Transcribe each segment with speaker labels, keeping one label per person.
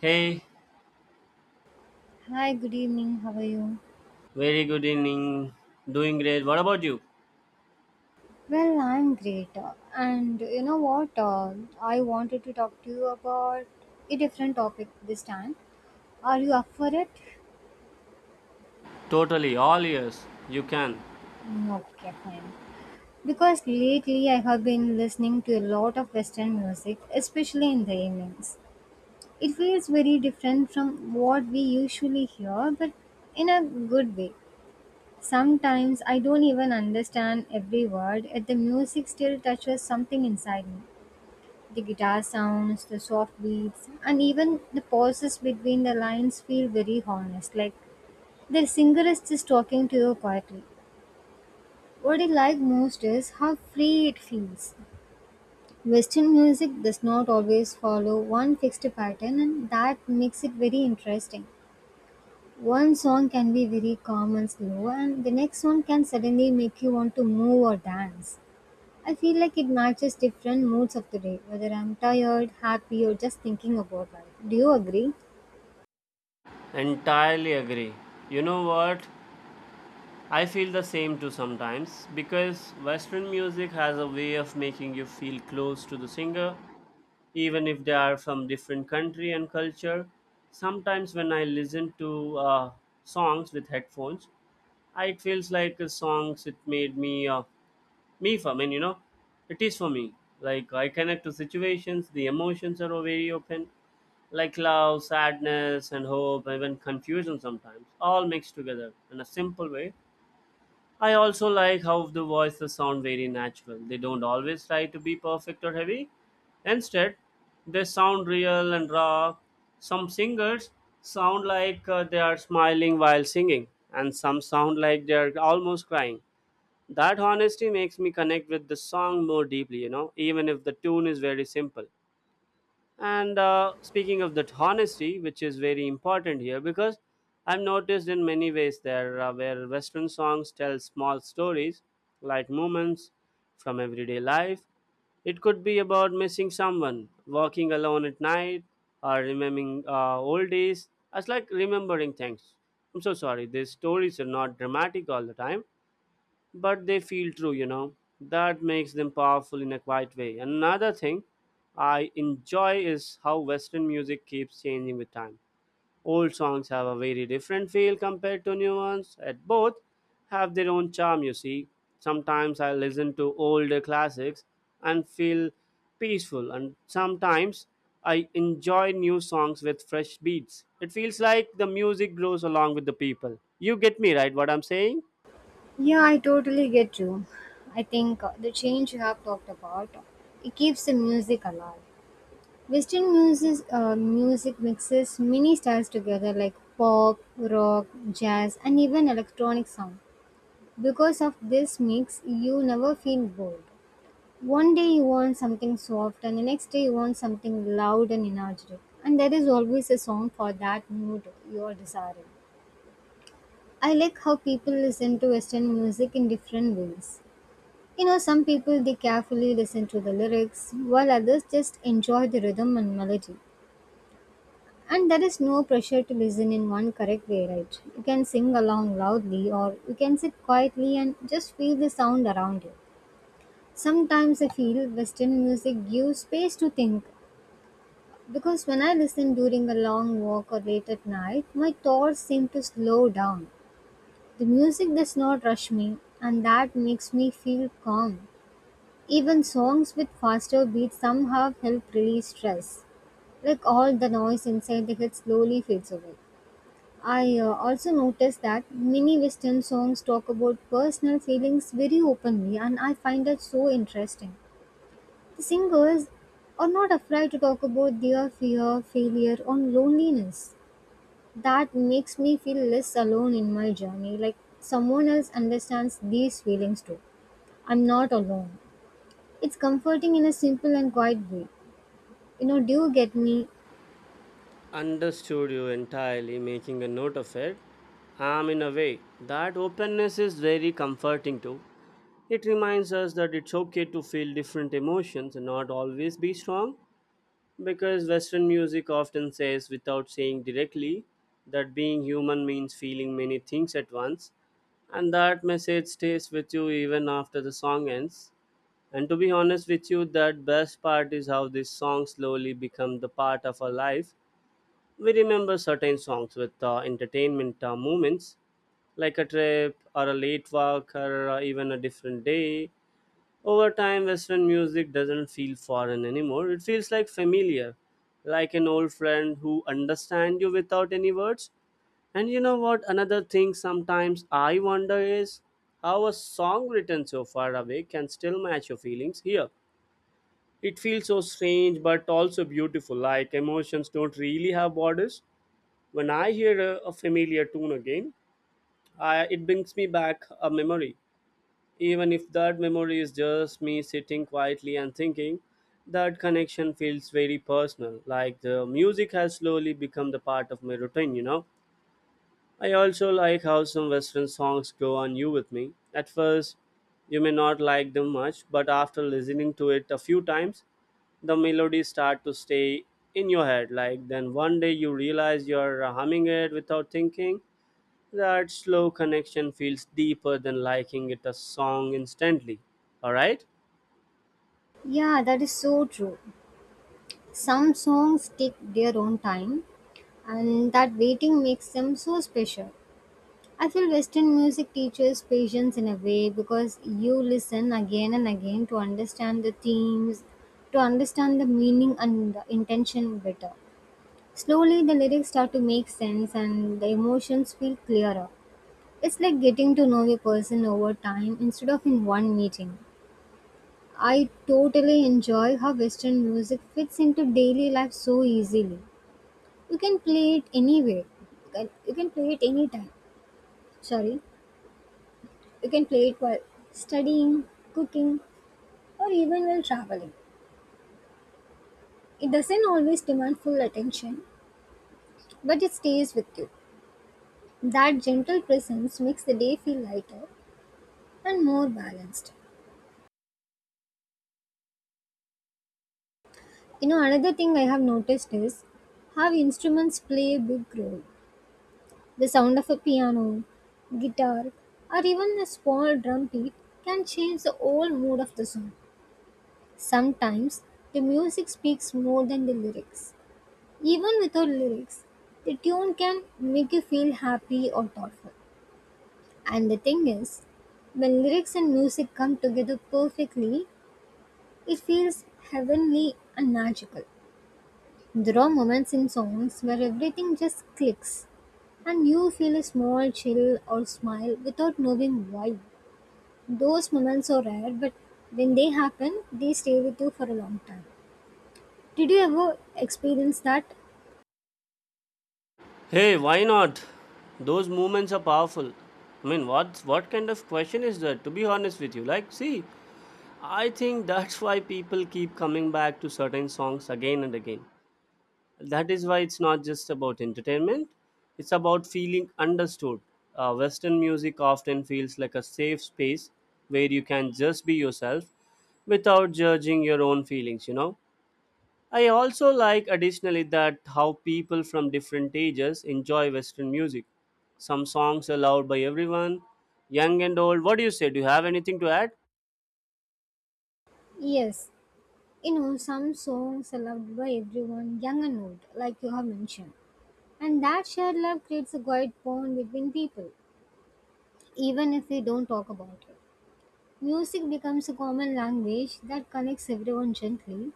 Speaker 1: Hey,
Speaker 2: Hi, good evening. How are you?
Speaker 1: very good evening. Doing great. What about you?
Speaker 2: Well, I'm great. And you know what? I wanted to talk to you about a different topic this time. Are you up for it?
Speaker 1: Totally, all ears. You can.
Speaker 2: Okay, fine. Because lately I have been listening to a lot of Western music, especially in the evenings. It feels very different from what we usually hear, but in a good way. Sometimes I don't even understand every word, yet the music still touches something inside me. The guitar sounds, the soft beats, and even the pauses between the lines feel very honest. Like the singer is just talking to you quietly. What I like most is how free it feels. Western music does not always follow one fixed pattern, and that makes it very interesting. One song can be very calm and slow, and the next one can suddenly make you want to move or dance. I feel like it matches different moods of the day, whether I'm tired, happy, or just thinking about life. Do you agree?
Speaker 1: Entirely agree. You know what? I feel the same too sometimes because Western music has a way of making you feel close to the singer even if they are from different country and culture. Sometimes when I listen to songs with headphones, it feels like a songs it made me me for I mean you know it is for me like I connect to situations. The emotions are very open like love, sadness, and hope, even confusion sometimes, all mixed together in a simple way. I also like how the voices sound very natural. They don't always try to be perfect or heavy. Instead, they sound real and raw. Some singers sound like they are smiling while singing, and some sound like they are almost crying. That honesty makes me connect with the song more deeply, you know, even if the tune is very simple. And speaking of that honesty, which is very important here, because I've noticed in many ways there where Western songs tell small stories, like moments from everyday life. It could be about missing someone, walking alone at night, or remembering old days. It's like remembering things. I'm so sorry. These stories are not dramatic all the time, but they feel true, you know. That makes them powerful in a quiet way. Another thing I enjoy is how Western music keeps changing with time. Old songs have a very different feel compared to new ones, and both have their own charm, you see. Sometimes I listen to older classics and feel peaceful, and sometimes I enjoy new songs with fresh beats. It feels like the music grows along with the people. You get me, right? What I'm saying?
Speaker 2: Yeah, I totally get you. I think the change you have talked about, it keeps the music alive. Western music mixes many styles together like pop, rock, jazz, and even electronic sound. Because of this mix, you never feel bored. One day you want something soft, and the next day you want something loud and energetic. And there is always a song for that mood you are desiring. I like how people listen to Western music in different ways. You know, some people they carefully listen to the lyrics, while others just enjoy the rhythm and melody. And there is no pressure to listen in one correct way, right? You can sing along loudly, or you can sit quietly and just feel the sound around you. Sometimes I feel Western music gives space to think, because when I listen during a long walk or late at night, my thoughts seem to slow down. The music does not rush me, and that makes me feel calm. Even songs with faster beats somehow help release stress. Like all the noise inside the head slowly fades away. I also noticed that many Western songs talk about personal feelings very openly, and I find that so interesting. The singers are not afraid to talk about their fear, failure, or loneliness. That makes me feel less alone in my journey, like someone else understands these feelings too. I'm not alone. It's comforting in a simple and quiet way. You know, do you get me?
Speaker 1: Understood you entirely, making a note of it. In a way, that openness is very comforting too. It reminds us that it's okay to feel different emotions and not always be strong, because Western music often says, without saying directly, that being human means feeling many things at once, and that message stays with you even after the song ends. And to be honest with you, that best part is how this song slowly become the part of our life. We remember certain songs with entertainment moments, like a trip or a late walk or even a different day. Over time, Western music doesn't feel foreign anymore. It feels like familiar, like an old friend who understands you without any words. And you know what, another thing sometimes I wonder is how a song written so far away can still match your feelings here. It feels so strange but also beautiful, like emotions don't really have borders. When I hear a familiar tune again, it brings me back a memory. Even if that memory is just me sitting quietly and thinking, that connection feels very personal. Like the music has slowly become the part of my routine, you know. I also like how some Western songs grow on you with me. At first, you may not like them much, but after listening to it a few times, the melodies start to stay in your head. Like then one day you realize you're humming it without thinking. That slow connection feels deeper than liking it a song instantly. Alright?
Speaker 2: Yeah, that is so true. Some songs take their own time, and that waiting makes them so special. I feel Western music teaches patience in a way because you listen again and again to understand the themes, to understand the meaning and the intention better. Slowly the lyrics start to make sense and the emotions feel clearer. It's like getting to know a person over time instead of in one meeting. I totally enjoy how Western music fits into daily life so easily. You can play it anywhere. You can play it anytime. Sorry, you can play it while studying, cooking, or even while traveling. It doesn't always demand full attention, but it stays with you. That gentle presence makes the day feel lighter and more balanced. You know, another thing I have noticed is how instruments play a big role. The sound of a piano, guitar, or even a small drum beat can change the whole mood of the song. Sometimes the music speaks more than the lyrics. Even without lyrics, the tune can make you feel happy or thoughtful. And the thing is, when lyrics and music come together perfectly, it feels heavenly and magical. There are moments in songs where everything just clicks and you feel a small chill or smile without knowing why. Those moments are rare, but when they happen, they stay with you for a long time. Did you ever experience that?
Speaker 1: Hey, why not? Those moments are powerful. I mean, what kind of question is that, to be honest with you? Like see, I think that's why people keep coming back to certain songs again and again. That is why it's not just about entertainment. It's about feeling understood. Western music often feels like a safe space where you can just be yourself without judging your own feelings, you know. I also like additionally that how people from different ages enjoy Western music. Some songs are loved by everyone, young and old. What do you say? Do you have anything to add?
Speaker 2: Yes, you know, some songs are loved by everyone, young and old, like you have mentioned. And that shared love creates a quiet bond between people, even if we don't talk about it. Music becomes a common language that connects everyone gently.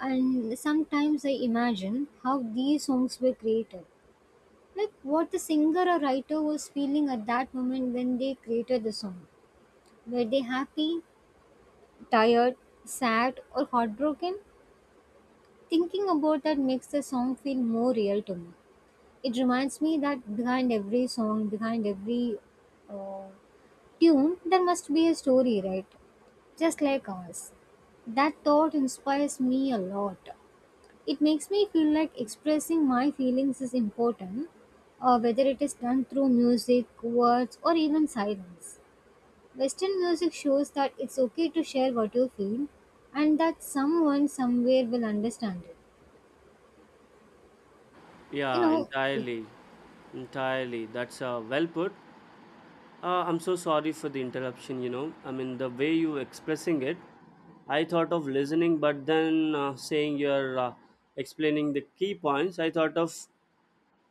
Speaker 2: And sometimes I imagine how these songs were created, like what the singer or writer was feeling at that moment when they created the song. Were they happy, tired, sad, or heartbroken? Thinking about that makes the song feel more real to me. It reminds me that behind every song, behind every uh, tune, there must be a story, right? Just like ours. That thought inspires me a lot. It makes me feel like expressing my feelings is important, whether it is done through music, words, or even silence. Western music shows that it's okay to share what you feel and that someone somewhere will understand it. You
Speaker 1: Yeah,
Speaker 2: know, yeah,
Speaker 1: entirely. Entirely. That's well put. I'm so sorry for the interruption, you know. I mean, the way you expressing it, I thought of listening, but then saying you're explaining the key points, I thought of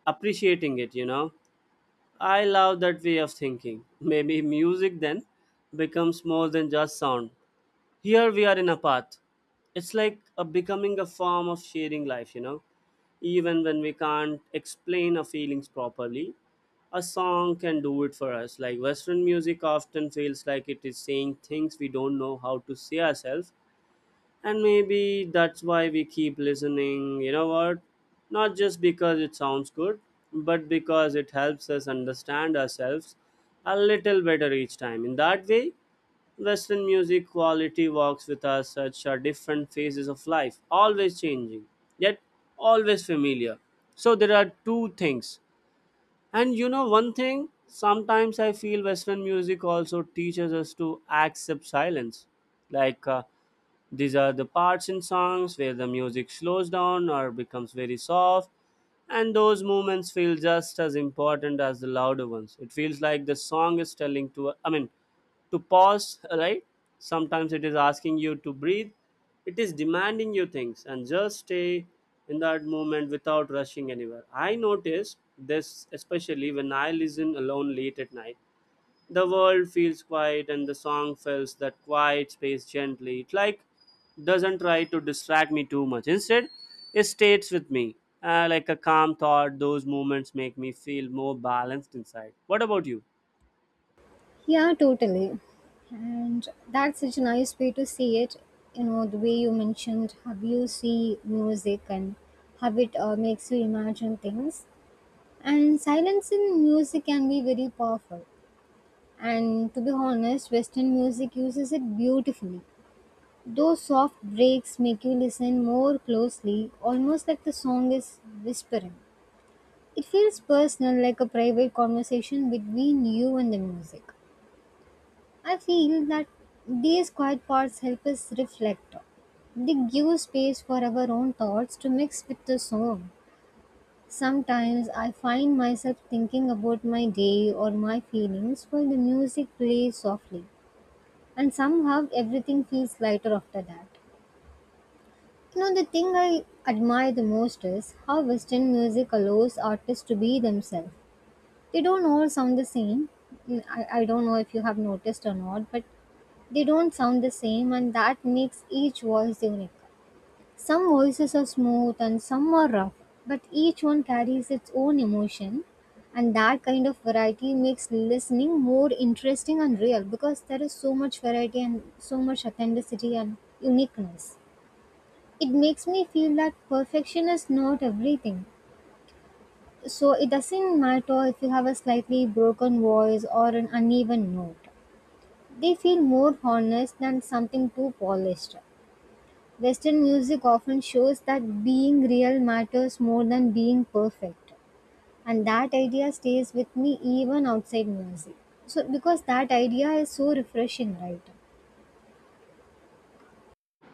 Speaker 1: appreciating it, you know. I love that way of thinking. Maybe music then becomes more than just sound. Here we are in a path. It's like a becoming a form of sharing life, you know. Even when we can't explain our feelings properly, a song can do it for us. Like Western music often feels like it is saying things we don't know how to say ourselves, and maybe that's why we keep listening, you know what? Not just because it sounds good, but because it helps us understand ourselves a little better each time. In that way, Western music quality walks with us such a different phases of life, always changing, yet always familiar. So there are two things. And you know one thing, sometimes I feel Western music also teaches us to accept silence. Like these are the parts in songs where the music slows down or becomes very soft, and those moments feel just as important as the louder ones. It feels like the song is telling to, I mean, to pause, right? Sometimes it is asking you to breathe, it is demanding you things, and just stay in that moment without rushing anywhere. I notice this especially when I listen alone late at night. The world feels quiet and the song fills that quiet space gently. It like doesn't try to distract me too much. Instead, it stays with me. Like a calm thought, those moments make me feel more balanced inside. What about you?
Speaker 2: yeah, totally. And that's such a nice way to see it. You know, the way you mentioned how you see music and how it makes you imagine things. And silence in music can be very powerful. And to be honest, Western music uses it beautifully. Those soft breaks make you listen more closely, almost like the song is whispering. It feels personal, like a private conversation between you and the music. I feel that these quiet parts help us reflect. They give space for our own thoughts to mix with the song. Sometimes I find myself thinking about my day or my feelings while the music plays softly, and somehow everything feels lighter after that. You know, the thing I admire the most is how Western music allows artists to be themselves. They don't all sound the same. I don't know if you have noticed or not, but they don't sound the same, and that makes each voice unique. Some voices are smooth and some are rough, but each one carries its own emotion, and that kind of variety makes listening more interesting and real because there is so much variety and so much authenticity and uniqueness. It makes me feel that perfection is not everything. So it doesn't matter if you have a slightly broken voice or an uneven note. They feel more honest than something too polished. Western music often shows that being real matters more than being perfect. And that idea stays with me even outside music. So, because that idea is so refreshing, right?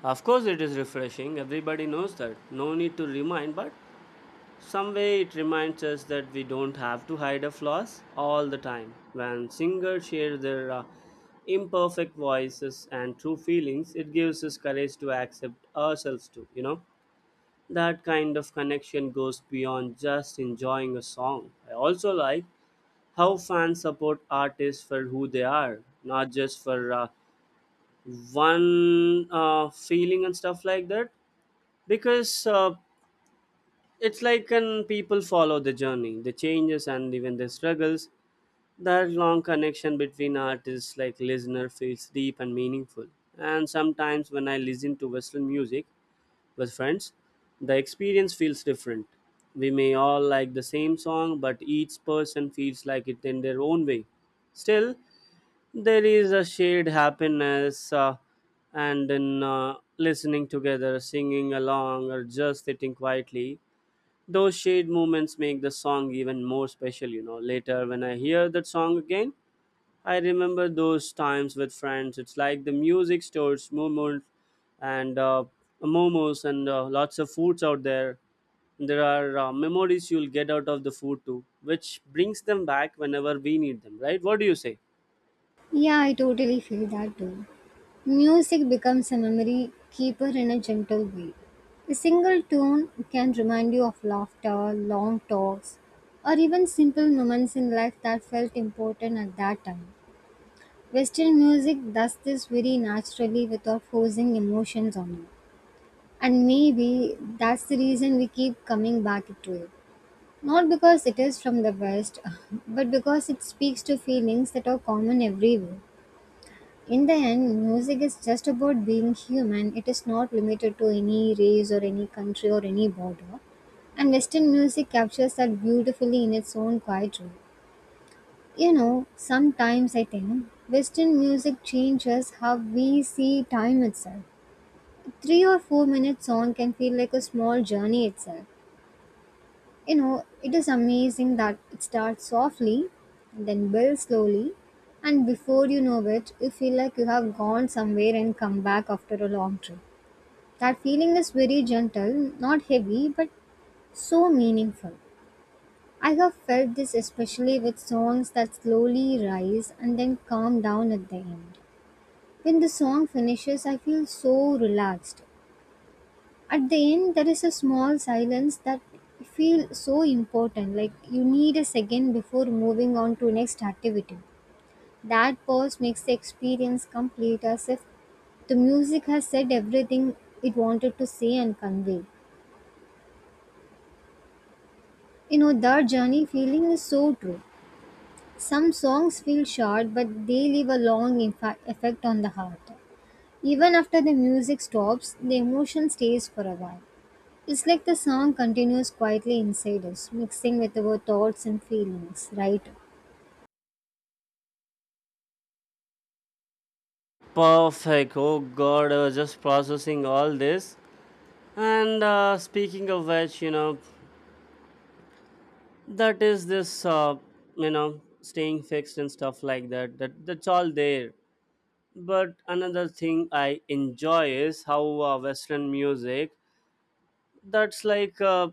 Speaker 1: Of course, it is refreshing. Everybody knows that. No need to remind, but some way it reminds us that we don't have to hide our flaws all the time. When singers share their imperfect voices and true feelings, it gives us courage to accept ourselves too, you know. That kind of connection goes beyond just enjoying a song. I also like how fans support artists for who they are, not just for one feeling and stuff like that, because it's like when people follow the journey, the changes, and even the struggles. That long connection between artists, like listener, feels deep and meaningful. And sometimes when I listen to Western music with friends, the experience feels different. We may all like the same song, but each person feels like it in their own way. Still, there is a shared happiness, and in listening together, singing along, or just sitting quietly. Those shade moments make the song even more special, you know. Later, when I hear that song again, I remember those times with friends. It's like the music stores, momos, and momos, and lots of foods out there. There are memories you'll get out of the food too, which brings them back whenever we need them, right? What do you say?
Speaker 2: Yeah, I totally feel that too. Music becomes a memory keeper in a gentle way. A single tune can remind you of laughter, long talks, or even simple moments in life that felt important at that time. Western music does this very naturally without forcing emotions on you. And maybe that's the reason we keep coming back to it. Not because it is from the West, but because it speaks to feelings that are common everywhere. In the end, music is just about being human. It is not limited to any race or any country or any border. And Western music captures that beautifully in its own quiet way. You know, sometimes I think Western music changes how we see time itself. A 3 or 4 minute song can feel like a small journey itself. You know, it is amazing that it starts softly and then builds slowly, and before you know it, you feel like you have gone somewhere and come back after a long trip. That feeling is very gentle, not heavy, but so meaningful. I have felt this especially with songs that slowly rise and then calm down at the end. When the song finishes, I feel so relaxed. At the end, there is a small silence that feels so important. Like you need a second before moving on to next activity. That pause makes the experience complete, as if the music has said everything it wanted to say and convey. You know, that journey feeling is so true. Some songs feel short, but they leave a long effect on the heart. Even after the music stops, the emotion stays for a while. It's like the song continues quietly inside us, mixing with our thoughts and feelings, right?
Speaker 1: Perfect. Oh God, I was just processing all this. And speaking of which, you know, that is this you know staying fixed and stuff like that, that's all there. But another thing I enjoy is how Western music, that's like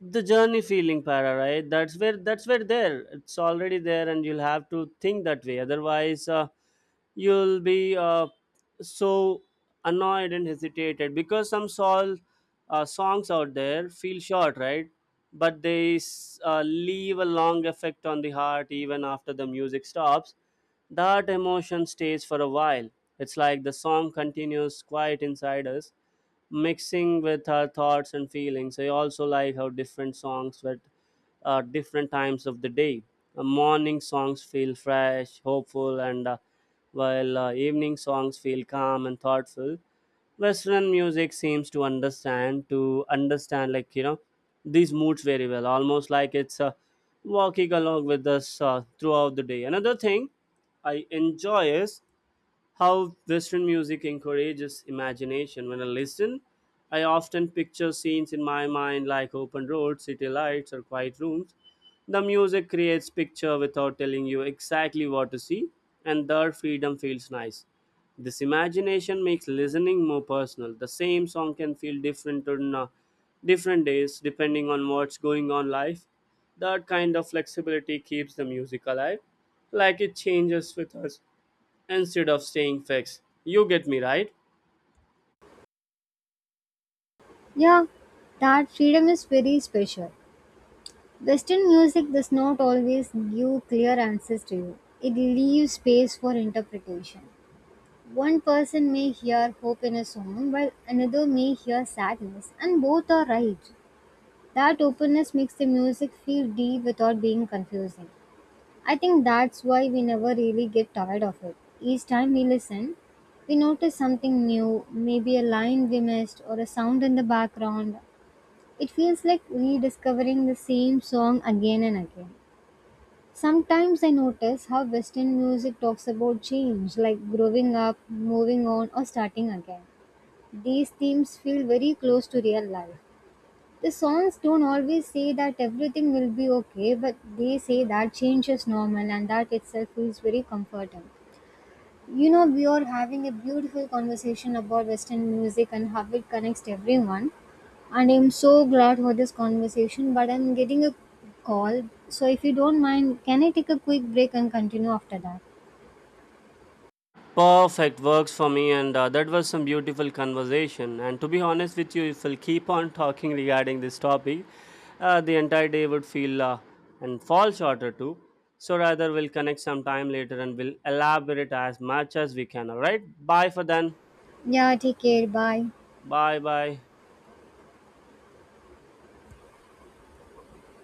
Speaker 1: the journey feeling para, right? That's where there it's already there, and you'll have to think that way. Otherwise you'll be so annoyed and hesitated, because some sol songs out there feel short, right? But they leave a long effect on the heart. Even after the music stops, that emotion stays for a while. It's like the song continues quiet inside us, mixing with our thoughts and feelings. I also like how different songs at different times of the day. Morning songs feel fresh, hopeful, and while evening songs feel calm and thoughtful. Western music seems to understand like you know these moods very well, almost like it's walking along with us throughout the day. Another thing I enjoy is how Western music encourages imagination. When I listen, I often picture scenes in my mind like open roads, city lights, or quiet rooms. The music creates picture without telling you exactly what to see, and their freedom feels nice. This imagination makes listening more personal. The same song can feel different on different days depending on what's going on life. That kind of flexibility keeps the music alive, like it changes with us instead of staying fixed. You get me right?
Speaker 2: Yeah, that freedom is very special. Western music does not always give clear answers to you, it leaves space for interpretation. One person may hear hope in a song, while another may hear sadness, and both are right. That openness makes the music feel deep without being confusing. I think that's why we never really get tired of it. Each time we listen, we notice something new, maybe a line we missed or a sound in the background. It feels like rediscovering the same song again and again. Sometimes I notice how Western music talks about change, like growing up, moving on, or starting again. These themes feel very close to real life. The songs don't always say that everything will be okay, but they say that change is normal and that itself feels very comforting. You know, we are having a beautiful conversation about Western music and how it connects everyone. And I'm so glad for this conversation, but I'm getting a call. So if you don't mind, can I take a quick break and continue after that?
Speaker 1: Perfect, works for me. And that was some beautiful conversation. And to be honest with you, if we'll keep on talking regarding this topic, the entire day would feel and fall shorter too. So rather, we'll connect sometime later and we'll elaborate as much as we can. All right, bye for then.
Speaker 2: Yeah, take care. Bye.
Speaker 1: Bye bye.